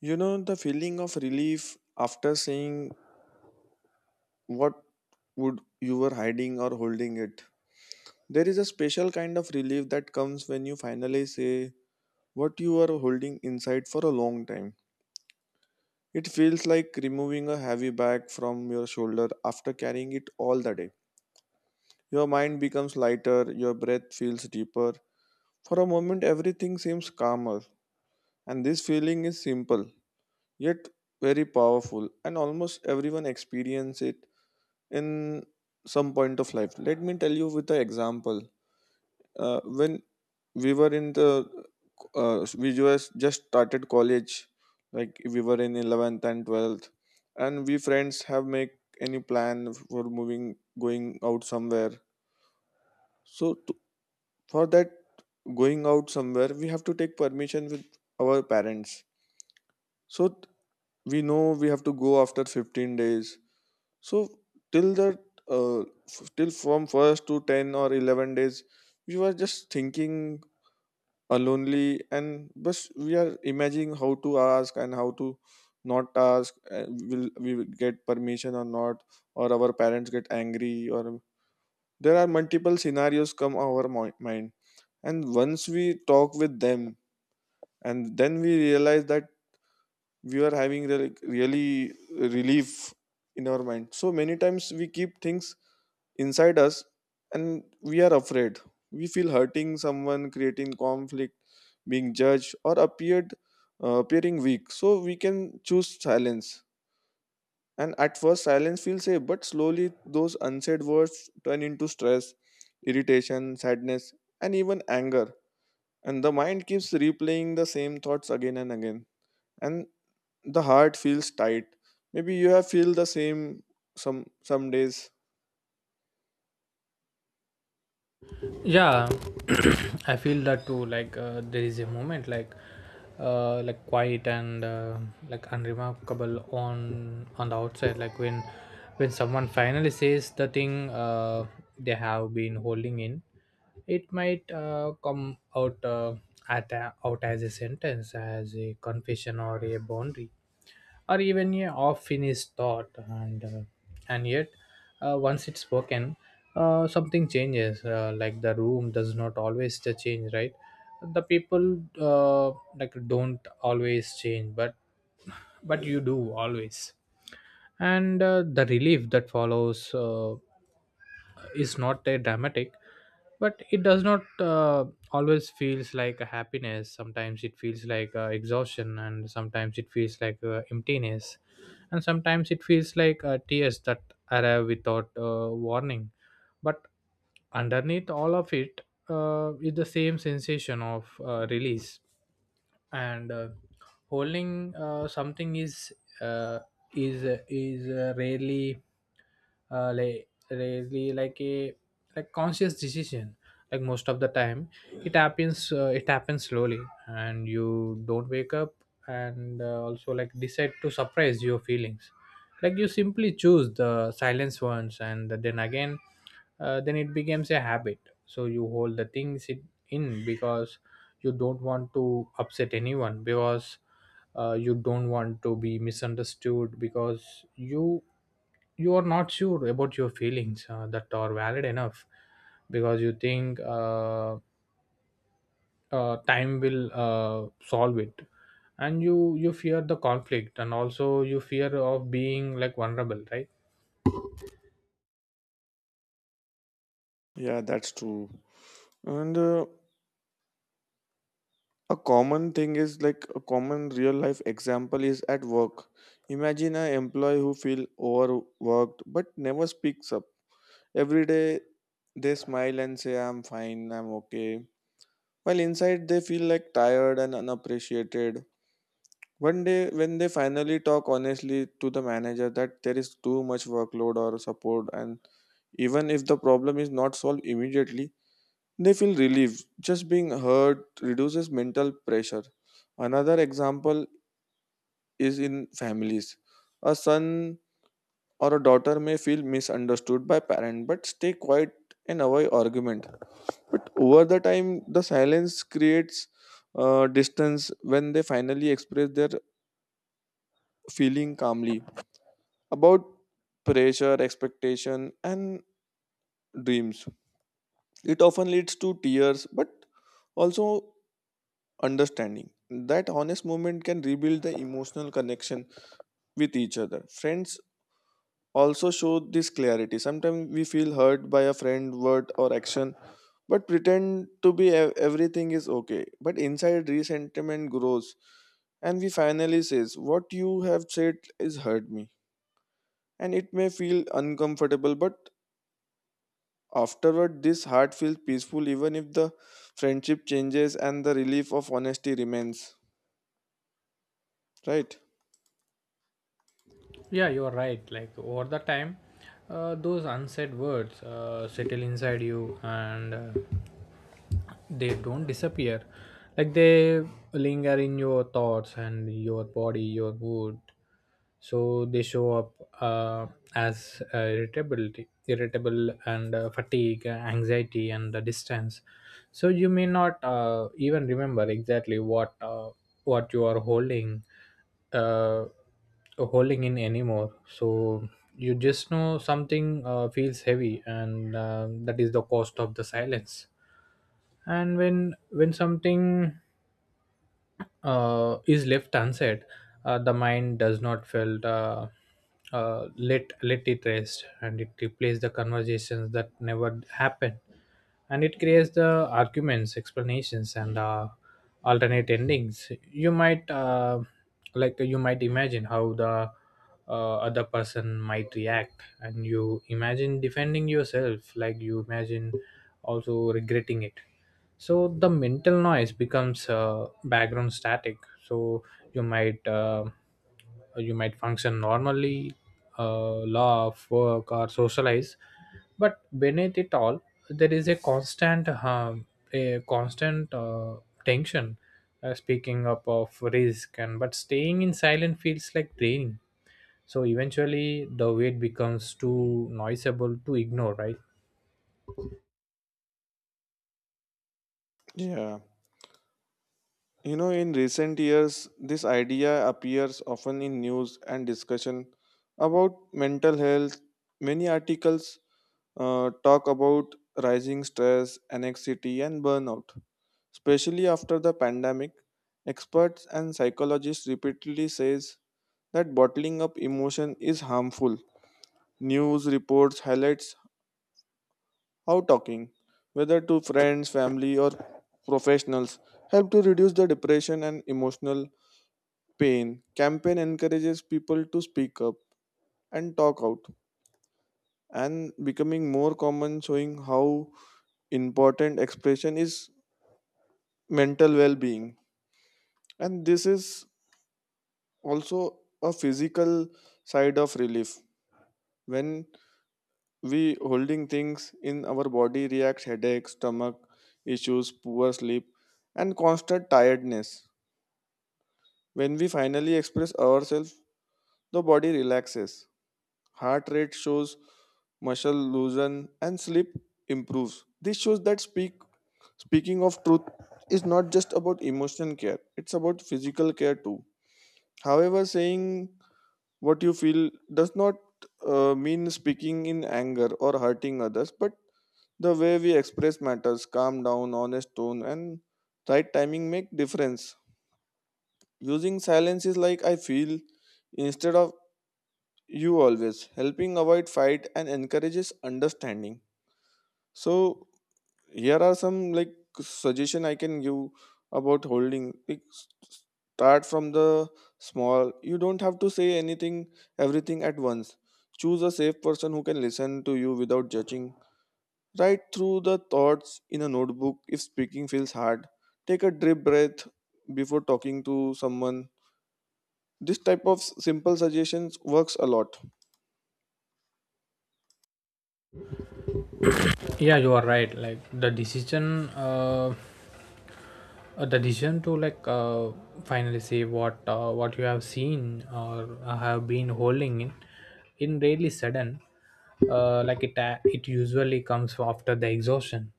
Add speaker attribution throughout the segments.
Speaker 1: You know, the feeling of relief after seeing what would you were hiding or holding it. There is a special kind of relief that comes when you finally say what you are holding inside for a long time. It feels like removing a heavy bag from your shoulder after carrying it all the day. Your mind becomes lighter, your breath feels deeper. For a moment, everything seems calmer, and this feeling is simple yet very powerful, and almost everyone experiences it in some point of life. Let me tell you with the example. When we were in we just started college, like we were in 11th and 12th, and we friends have make any plan for moving, going out somewhere. So to, for that going out somewhere, we have to take permission with our parents. So we know we have to go after 15 days. So till that, till from first to 10 or 11 days, we were just thinking alonely, and but we are imagining how to ask and how to not ask. Will we will get permission or not? Or our parents get angry? Or there are multiple scenarios come our mind, and once we talk with them, and then we realize that we are having really, really relief in our mind. So many times we keep things inside us and we are afraid. We feel hurting someone, creating conflict, being judged, or appeared appearing weak. So we can choose silence. And at first, silence feels safe, but slowly those unsaid words turn into stress, irritation, sadness, and even anger. And the mind keeps replaying the same thoughts again and again. And the heart feels tight. Maybe you have feel the same some days.
Speaker 2: Yeah. I feel that too. There is a moment, like quiet and like unremarkable on the outside, like when someone finally says the thing they have been holding in. It might come out out as a sentence, as a confession or a boundary or even a half-finished thought, and yet once it's spoken, something changes. Like the room does not always the change, right? The people like don't always change, but you do always, and the relief that follows. Is not a dramatic, but it does not always feels like a happiness. Sometimes it feels like exhaustion, and sometimes it feels like emptiness, and sometimes it feels like tears that arrive without warning. But underneath all of it is the same sensation of release. And Holding something uh, is is rarely rarely like a like conscious decision. Like most of the time it happens slowly, and you don't wake up and also like decide to suppress your feelings. Like you simply choose the silence ones, and then again then it becomes a habit. So you hold the things it in because you don't want to upset anyone, because you don't want to be misunderstood, because you are not sure about your feelings that are valid enough, because you think time will solve it, and you fear the conflict, and also you fear of being like vulnerable, right?
Speaker 1: Yeah, that's true. And a common thing is like a common real life example is at work. Imagine an employee who feel overworked but never speaks up. Every day they smile and say I'm fine, I'm okay. While inside they feel like tired and unappreciated. One day when they finally talk honestly to the manager that there is too much workload or support, and even if the problem is not solved immediately, they feel relieved. Just being heard reduces mental pressure. Another example is in families. A son or a daughter may feel misunderstood by parent but stay quiet and avoid argument. But over the time, the silence creates distance when they finally express their feeling calmly about pressure, expectation, and dreams. It often leads to tears, but also understanding. That honest moment can rebuild the emotional connection with each other. Friends also show this clarity. Sometimes we feel hurt by a friend, word, or action, but pretend to be everything is okay. But inside, resentment grows, and we finally says, "What you have said is hurt me," and it may feel uncomfortable, but afterward, this heart feels peaceful, even if the friendship changes and the relief of honesty remains. Right?
Speaker 2: Yeah, you're right. Like over the time, those unsaid words settle inside you, and they don't disappear. Like they linger in your thoughts and your body, your mood. So they show up uh, as irritability, irritable, and fatigue, anxiety, and the distance. So you may not even remember exactly what you are holding uh, holding in anymore. So you just know something feels heavy, and that is the cost of the silence. And when something is left unsaid, the mind does not felt let it rest, and it replaces the conversations that never happened, and it creates the arguments, explanations, and alternate endings. You might imagine how the other person might react, and you imagine defending yourself, like you imagine also regretting it. So the mental noise becomes background static. So you might uh, you might function normally, laugh, work, or socialize, but beneath it all there is a constant tension. Speaking up of risk, and but staying in silent feels like draining. So eventually the weight becomes too noisable to ignore, right?
Speaker 1: Yeah. You know, in recent years, this idea appears often in news and discussion about mental health. Many articles talk about rising stress, anxiety, and burnout. Especially after the pandemic, experts and psychologists repeatedly says that bottling up emotion is harmful. News reports highlights how talking, whether to friends, family, or professionals, help to reduce the depression and emotional pain. Campaign encourages people to speak up and talk out and becoming more common, showing how important expression is mental well-being, and this is also a physical side of relief. When we holding things in our body reacts headaches, stomach issues, poor sleep, and constant tiredness. When we finally express ourselves, the body relaxes. Heart rate shows, muscle loosen, and sleep improves. This shows that speaking of truth is not just about emotion care; it's about physical care too. However, saying what you feel does not mean speaking in anger or hurting others, but the way we express matters. Calm down, honest tone, and right timing make difference. Using silence is like I feel instead of you always helping avoid fight and encourages understanding. So here are some like suggestion I can give about holding. Like, start from the small. You don't have to say anything, everything at once. Choose a safe person who can listen to you without judging. Write through the thoughts in a notebook if speaking feels hard. Take a deep breath before talking to someone. This type of simple suggestions works a lot.
Speaker 2: Yeah, you are right. Like the decision to finally say what you have seen or have been holding in really sudden. Like it usually comes after the exhaustion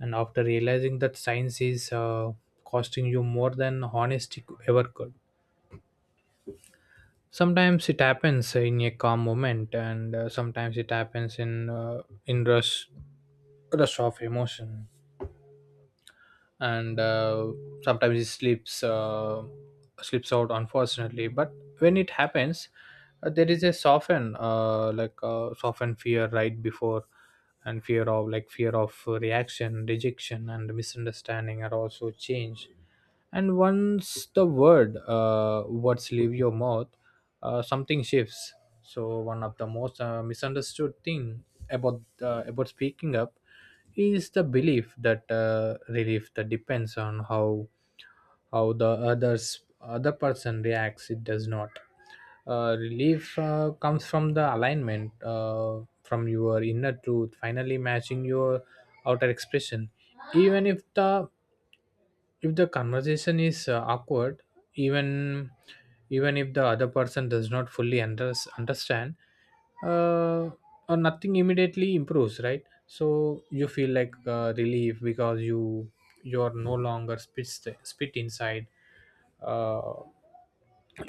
Speaker 2: and after realizing that science is costing you more than honesty ever could. Sometimes it happens in a calm moment, and sometimes it happens uh, in rush of emotion, and sometimes he slips slips out unfortunately. But when it happens there is a soften soften fear right before, and fear of fear of reaction, rejection, and misunderstanding are also changed. And once the word words leave your mouth, something shifts. So one of the most misunderstood thing about speaking up is the belief that relief that depends on how the other person reacts. It does not. Relief comes from the alignment, from your inner truth finally matching your outer expression, even if the conversation is awkward, even if the other person does not fully understand uh, or nothing immediately improves, right? So you feel like relief because you are no longer spit inside. uh,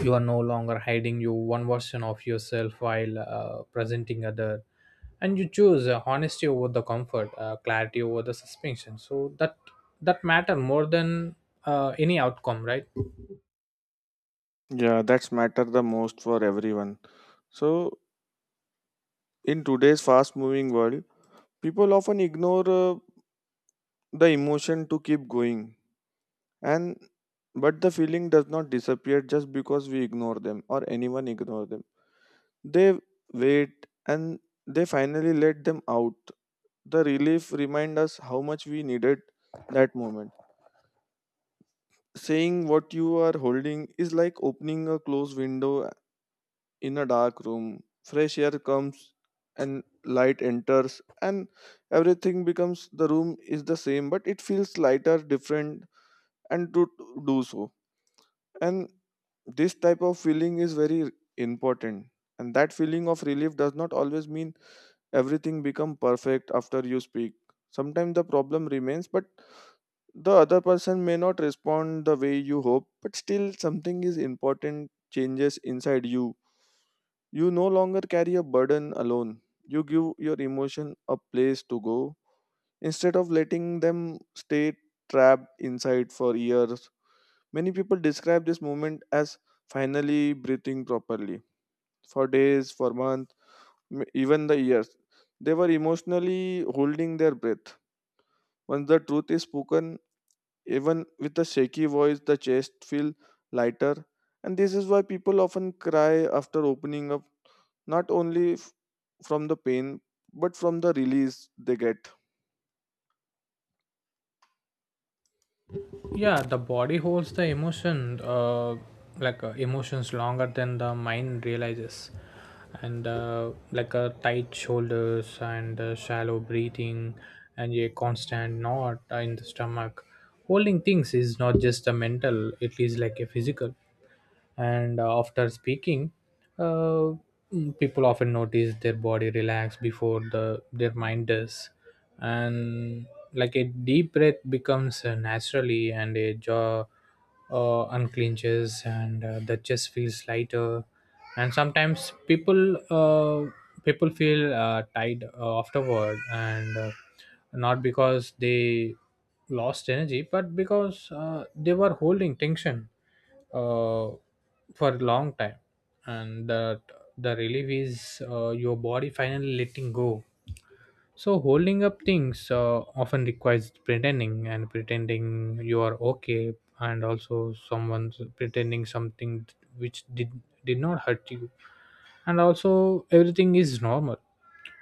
Speaker 2: you are no longer hiding you one version of yourself while presenting other, and you choose honesty over the comfort, clarity over the suspension. So that matter more than any outcome, right?
Speaker 1: Yeah, that's matter the most for everyone. So in today's fast moving world, people often ignore the emotion to keep going, and but the feeling does not disappear just because we ignore them or anyone ignore them. They wait and they finally let them out. The relief remind us how much we needed that moment. Saying what you are holding is like opening a closed window in a dark room. Fresh air comes and light enters, and everything becomes the room is the same but it feels lighter different, and to do so. And this type of feeling is very important, and that feeling of relief does not always mean everything become perfect after you speak. Sometimes the problem remains, but the other person may not respond the way you hope, but still something is important changes inside you. You no longer carry a burden alone. You give your emotion a place to go instead of letting them stay trapped inside for years. Many people describe this moment as finally breathing properly for days, for months, even the years. They were emotionally holding their breath. Once the truth is spoken, even with a shaky voice, the chest feels lighter. And this is why people often cry after opening up, not only from the pain, but from the release they get.
Speaker 2: Yeah, the body holds the emotion, emotions longer than the mind realizes, and tight shoulders and shallow breathing and a constant knot in the stomach. Holding things is not just a mental, it is like a physical. And after speaking uh, people often notice their body relax before their mind does. And like a deep breath becomes naturally, and a jaw unclenches, and the chest feels lighter. And sometimes people feel tired afterward, and not because they lost energy but because they were holding tension uh, for a long time. And the relief is your body finally letting go. So holding up things often requires pretending, and pretending you are okay, and also someone's pretending something which did not hurt you, and also everything is normal.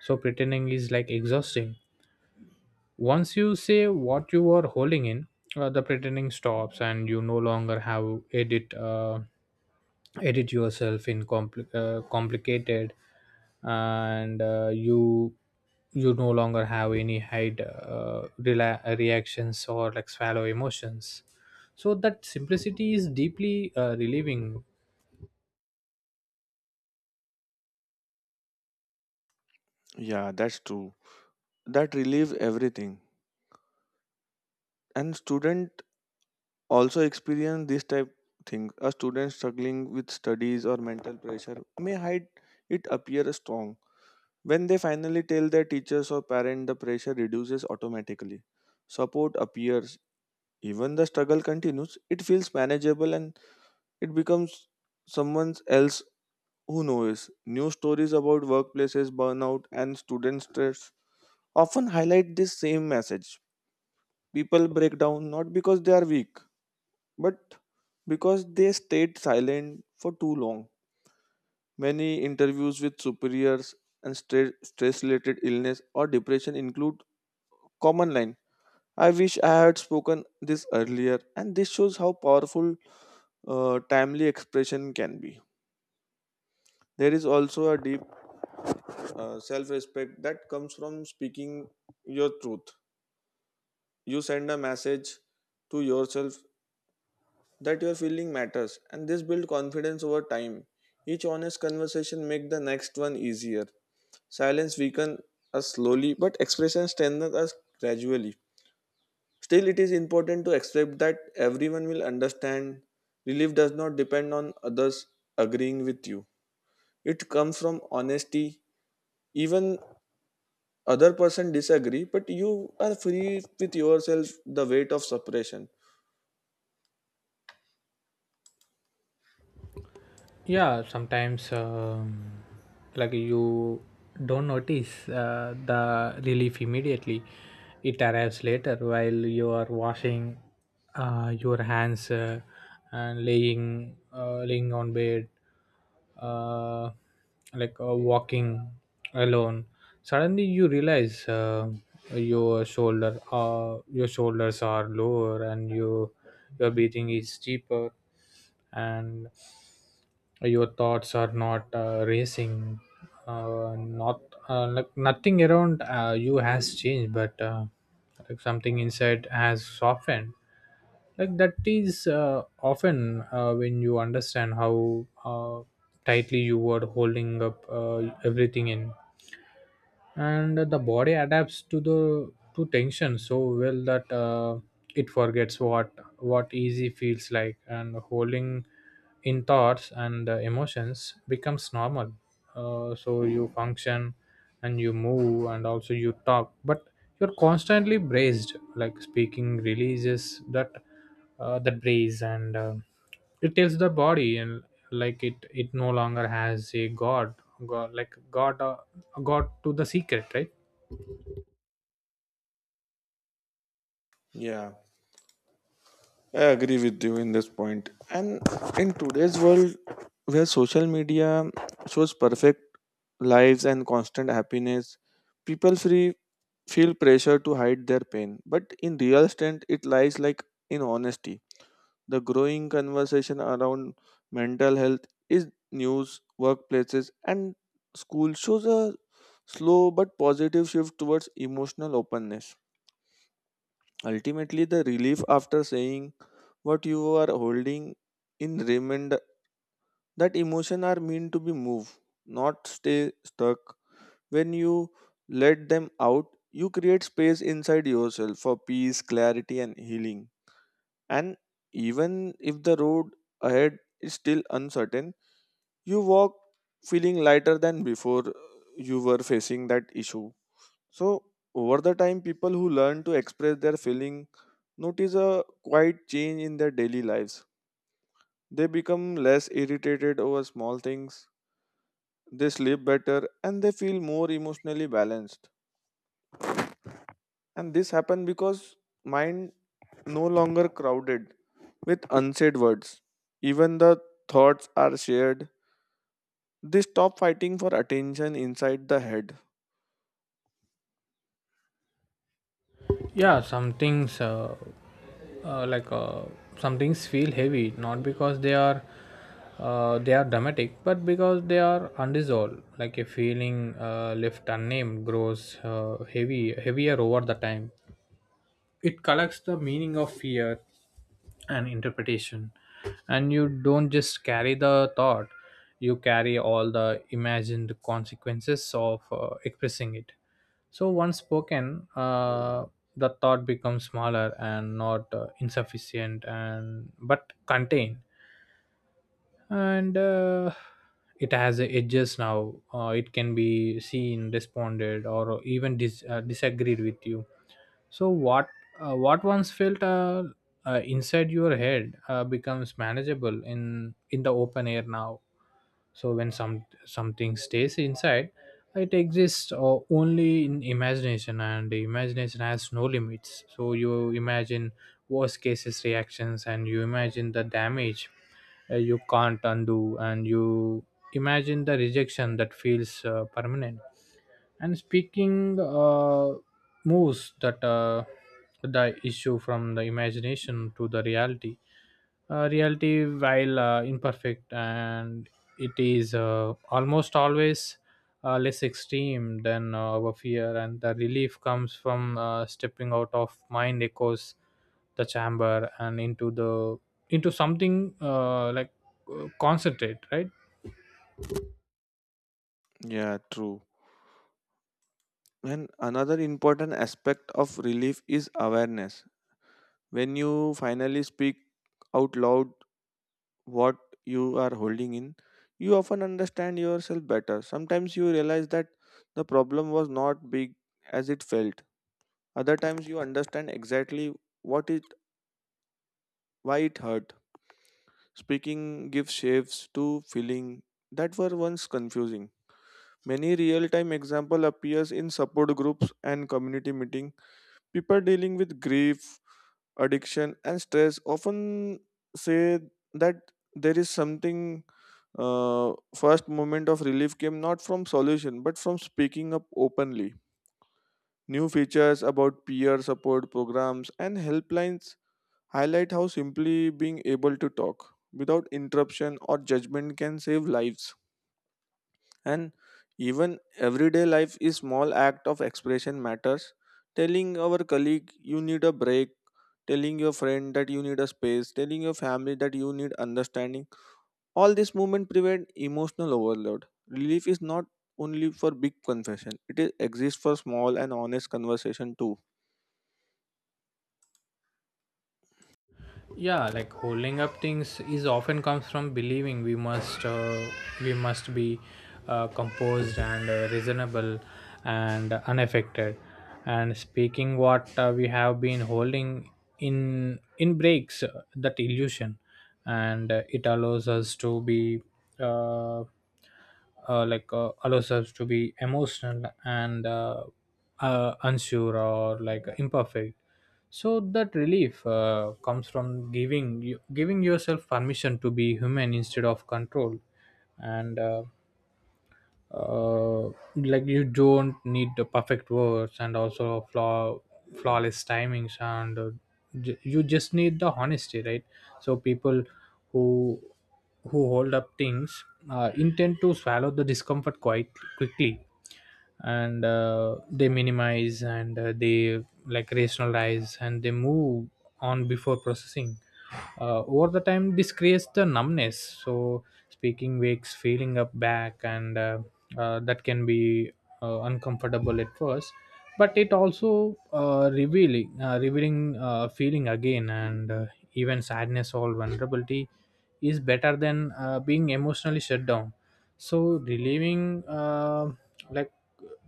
Speaker 2: So pretending is like exhausting. Once you say what you are holding in, the pretending stops, and you no longer have edit edit yourself in complicated. And you no longer have any hide reactions or like swallow emotions. So that simplicity is deeply relieving.
Speaker 1: Yeah, that's true. That relieves everything. And student also experience this type thing. A student struggling with studies or mental pressure may hide it appear strong. When they finally tell their teachers or parent, the pressure reduces automatically. Support appears. Even the struggle continues, it feels manageable, and it becomes someone else who knows. New stories about workplaces burnout and student stress often highlight this same message. People break down not because they are weak, but because they stayed silent for too long. Many interviews with superiors and stress related illness or depression include common line. I wish I had spoken this earlier, and this shows how powerful timely expression can be. There is also a deep self respect that comes from speaking your truth. You send a message to yourself that your feeling matters, and this build confidence over time. Each honest conversation make the next one easier. Silence weaken us slowly, but expression strengthen us gradually. Still it is important to accept that everyone will understand. Relief does not depend on others agreeing with you. It comes from honesty. Even other person disagree, but you are free with yourself, the weight of separation.
Speaker 2: Yeah, sometimes like you don't notice the relief immediately. It arrives later while you are washing your hands and laying laying on bed, uh, walking alone. Suddenly you realize your shoulder your shoulders are lower, and your breathing is deeper, and your thoughts are not racing, not like nothing around you has changed, but like something inside has softened. Like that is often when you understand how tightly you were holding up everything in. And the body adapts to the to tension so well that it forgets what easy feels like, and holding in thoughts and emotions becomes normal. So you function and you move and also you talk, but you're constantly braced. Like speaking releases that that brace, and it tells the body and it no longer has a god, god god to the secret, right?
Speaker 1: Yeah, I agree with you in this point. And in today's world, where social media shows perfect lives and constant happiness, people free feel pressure to hide their pain. But in real strength, it lies like in honesty. The growing conversation around mental health is news, workplaces, and school shows a slow but positive shift towards emotional openness. Ultimately, the relief after saying what you are holding in remind that emotion are meant to be moved, not stay stuck. When you let them out, you create space inside yourself for peace, clarity, and healing. And even if the road ahead is still uncertain, you walk feeling lighter than before you were facing that issue. So, over the time, people who learn to express their feeling notice a quiet change in their daily lives. They become less irritated over small things, they sleep better, and they feel more emotionally balanced. And this happens because mind no longer crowded with unsaid words. Even the thoughts are shared, they stop fighting for attention inside the head.
Speaker 2: Yeah, some things uh, like uh, some things feel heavy not because they are dramatic but because they are undissolved. Like a feeling left unnamed grows heavy heavier over the time. It collects the meaning of fear and interpretation, and you don't just carry the thought, you carry all the imagined consequences of expressing it. So once spoken, the thought becomes smaller, and not insufficient and but contained. And it has edges now. It can be seen, responded, or even disagreed with you. So what once felt inside your head becomes manageable in the open air now. So when something stays inside, it exists only in imagination, and the imagination has no limits. So you imagine worst cases reactions, and you imagine the damage you can't undo, and you imagine the rejection that feels permanent. And speaking moves that the issue from the imagination to the reality reality. While imperfect, and it is almost always less extreme than our fear, and the relief comes from stepping out of mind echoes the chamber and into the into something concentrate, right?
Speaker 1: Yeah, true. And another important aspect of relief is awareness. When you finally speak out loud what you are holding in, you often understand yourself better. Sometimes you realize that the problem was not big as it felt. Other times you understand exactly what it why it hurt. Speaking gives shapes to feeling that were once confusing. Many real-time example appears in support groups and community meeting. People dealing with grief, addiction and stress often say that there is something first moment of relief came not from solution but from speaking up openly. New features about peer support programs and helplines highlight how simply being able to talk without interruption or judgment can save lives. And even everyday life is small act of expression matters. Telling our colleague you need a break, telling your friend that you need a space, telling your family that you need understanding, all this movement prevent emotional overload. Relief is not only for big confession; it is, exists for small and honest conversation too.
Speaker 2: Yeah, like holding up things is often comes from believing we must be composed and reasonable and unaffected. And speaking what we have been holding in breaks that illusion, and it allows us to be uh, allows us to be emotional and unsure or like imperfect. So that relief comes from giving yourself permission to be human instead of control. And uh, like you don't need the perfect words and also flawless timings, and you just need the honesty, right? So people who who hold up things intend to swallow the discomfort quite quickly, and they minimize, and they like rationalize, and they move on before processing. Over the time this creates the numbness. So speaking wakes feeling up back, and that can be uncomfortable at first, but it also revealing feeling again. And even sadness or vulnerability is better than being emotionally shut down. So relieving like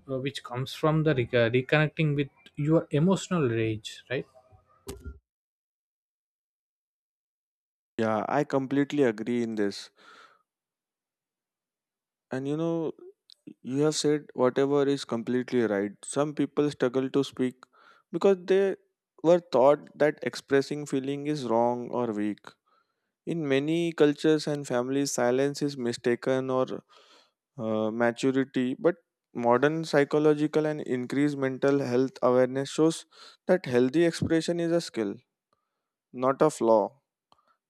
Speaker 2: which comes from the reconnecting with your emotional rage, right?
Speaker 1: Yeah, I completely agree in this. And you know, you have said whatever is completely right. Some people struggle to speak because they were taught that expressing feeling is wrong or weak. In many cultures and families, silence is mistaken or maturity, but modern psychological and increased mental health awareness shows that healthy expression is a skill, not a flaw.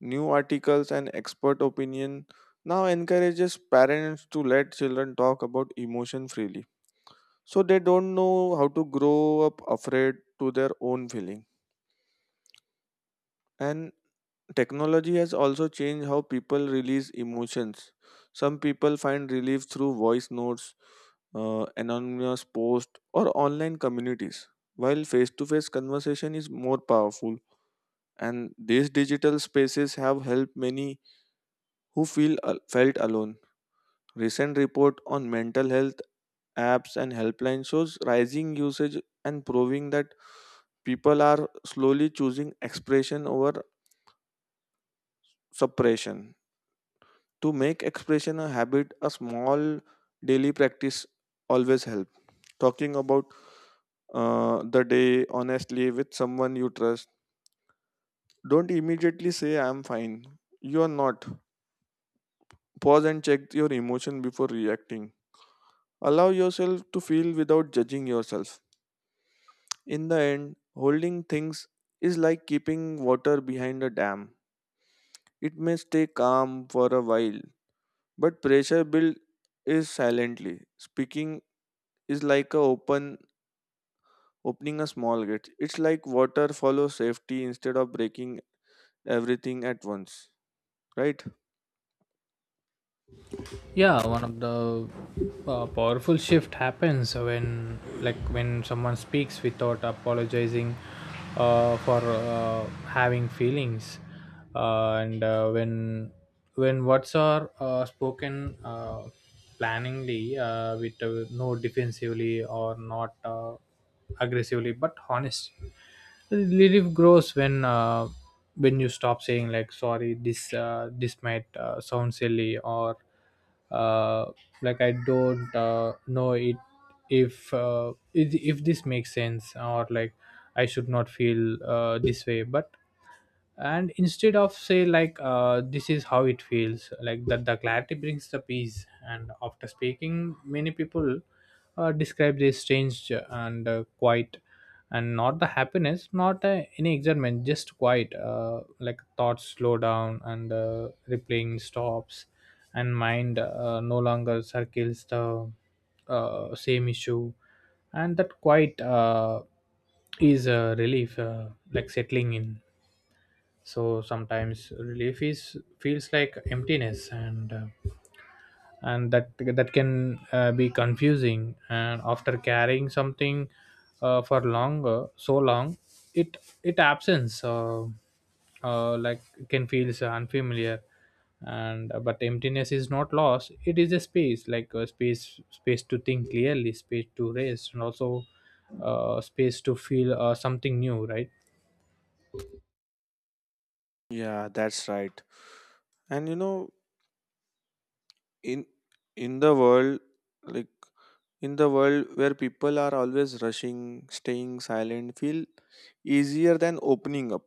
Speaker 1: New articles and expert opinion now encourages parents to let children talk about emotion freely, so they don't know how to grow up afraid to their own feeling. And technology has also changed how people release emotions. Some people find relief through voice notes, anonymous posts, or online communities, while face to face conversation is more powerful. And these digital spaces have helped many who feel felt alone. Recent report on mental health apps and helpline shows rising usage and proving that people are slowly choosing expression over suppression. To make expression a habit, a small daily practice always helps. Talking about the day honestly with someone you trust. Don't immediately say, I'm fine. You are not. Pause and check your emotion before reacting. Allow yourself to feel without judging yourself. In the end, holding things is like keeping water behind a dam. It may stay calm for a while, but pressure builds is silently. Speaking is like a opening a small gate. It's like water follows safety instead of breaking everything at once, right?
Speaker 2: Yeah, one of the powerful shift happens when when someone speaks without apologizing for having feelings, and when words are spoken planningly with no defensively or not aggressively but honest. Relief grows when you stop saying like, sorry, this might sound silly, or uh, I don't know it, if this makes sense, or like I should not feel this way. But And instead of say like, this is how it feels like. That the clarity brings the peace, and after speaking many people describe this strange and quiet, and not the happiness, not any excitement, just quiet. Like thoughts slow down, and replaying stops, and mind no longer circles the same issue. And that quiet is a relief, like settling in. So sometimes relief is feels like emptiness, and that can be confusing, and after carrying something for longer so long, it it absence uh, like can feels unfamiliar. And but emptiness is not loss, it is a space. Like a space, space to think clearly, space to rest, and also space to feel something new, right?
Speaker 1: Yeah, that's right. And you know, in in the world, like in the world where people are always rushing, staying silent, feel easier than opening up.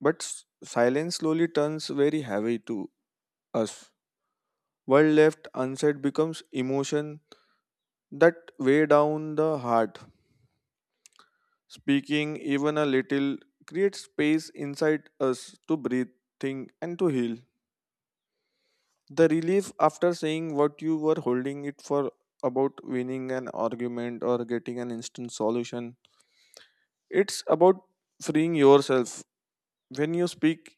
Speaker 1: But silence slowly turns very heavy to us. What left unsaid becomes emotion that weigh down the heart. Speaking even a little creates space inside us to breathe, think, and to heal. The relief after saying what you were holding it for about winning an argument or getting an instant solution. It's about freeing yourself. When you speak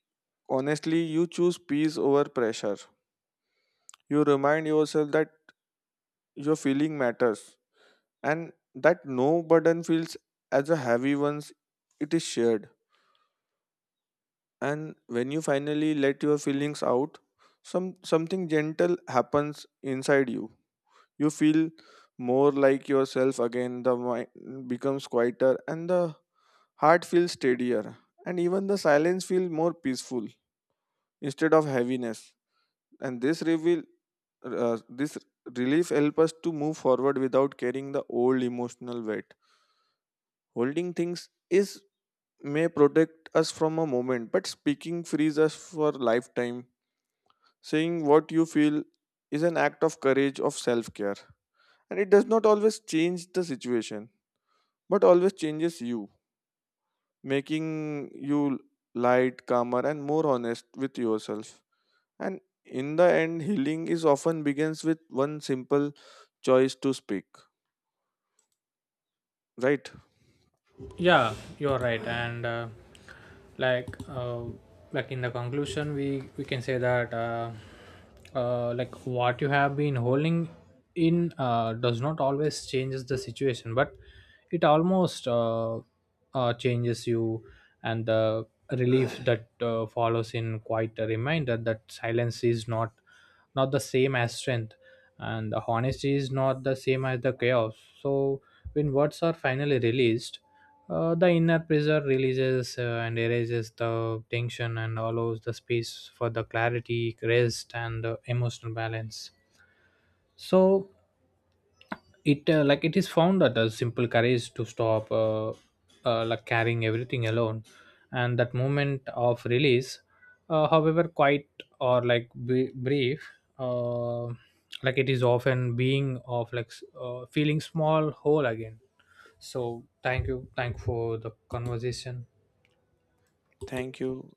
Speaker 1: honestly, you choose peace over pressure. You remind yourself that your feeling matters and that no burden feels as a heavy once it is shared. And when you finally let your feelings out, something gentle happens inside you. You feel more like yourself again. The mind becomes quieter and the heart feels steadier, and even the silence feels more peaceful instead of heaviness. And this relief help us to move forward without carrying the old emotional weight. Holding things is may protect us from a moment, but speaking frees us for lifetime. Saying what you feel is an act of courage, of self care. And it does not always change the situation, but always changes you, making you light, calmer, and more honest with yourself. And in the end, healing is often begins with one simple choice to speak. Right?
Speaker 2: Yeah, you're right. And like uh, in the conclusion we can say that what you have been holding in does not always changes the situation, but it almost changes you. And the relief that follows in quite a reminder that silence is not the same as strength, and the honesty is not the same as the chaos. So when words are finally released, the inner pressure releases, and erases the tension, and allows the space for the clarity, rest, and emotional balance. So it it is found that a simple courage to stop carrying everything alone. And that moment of release, however quite or like brief, uh, it is often being of feeling small whole again. So thank you, thank for the conversation.
Speaker 1: Thank you.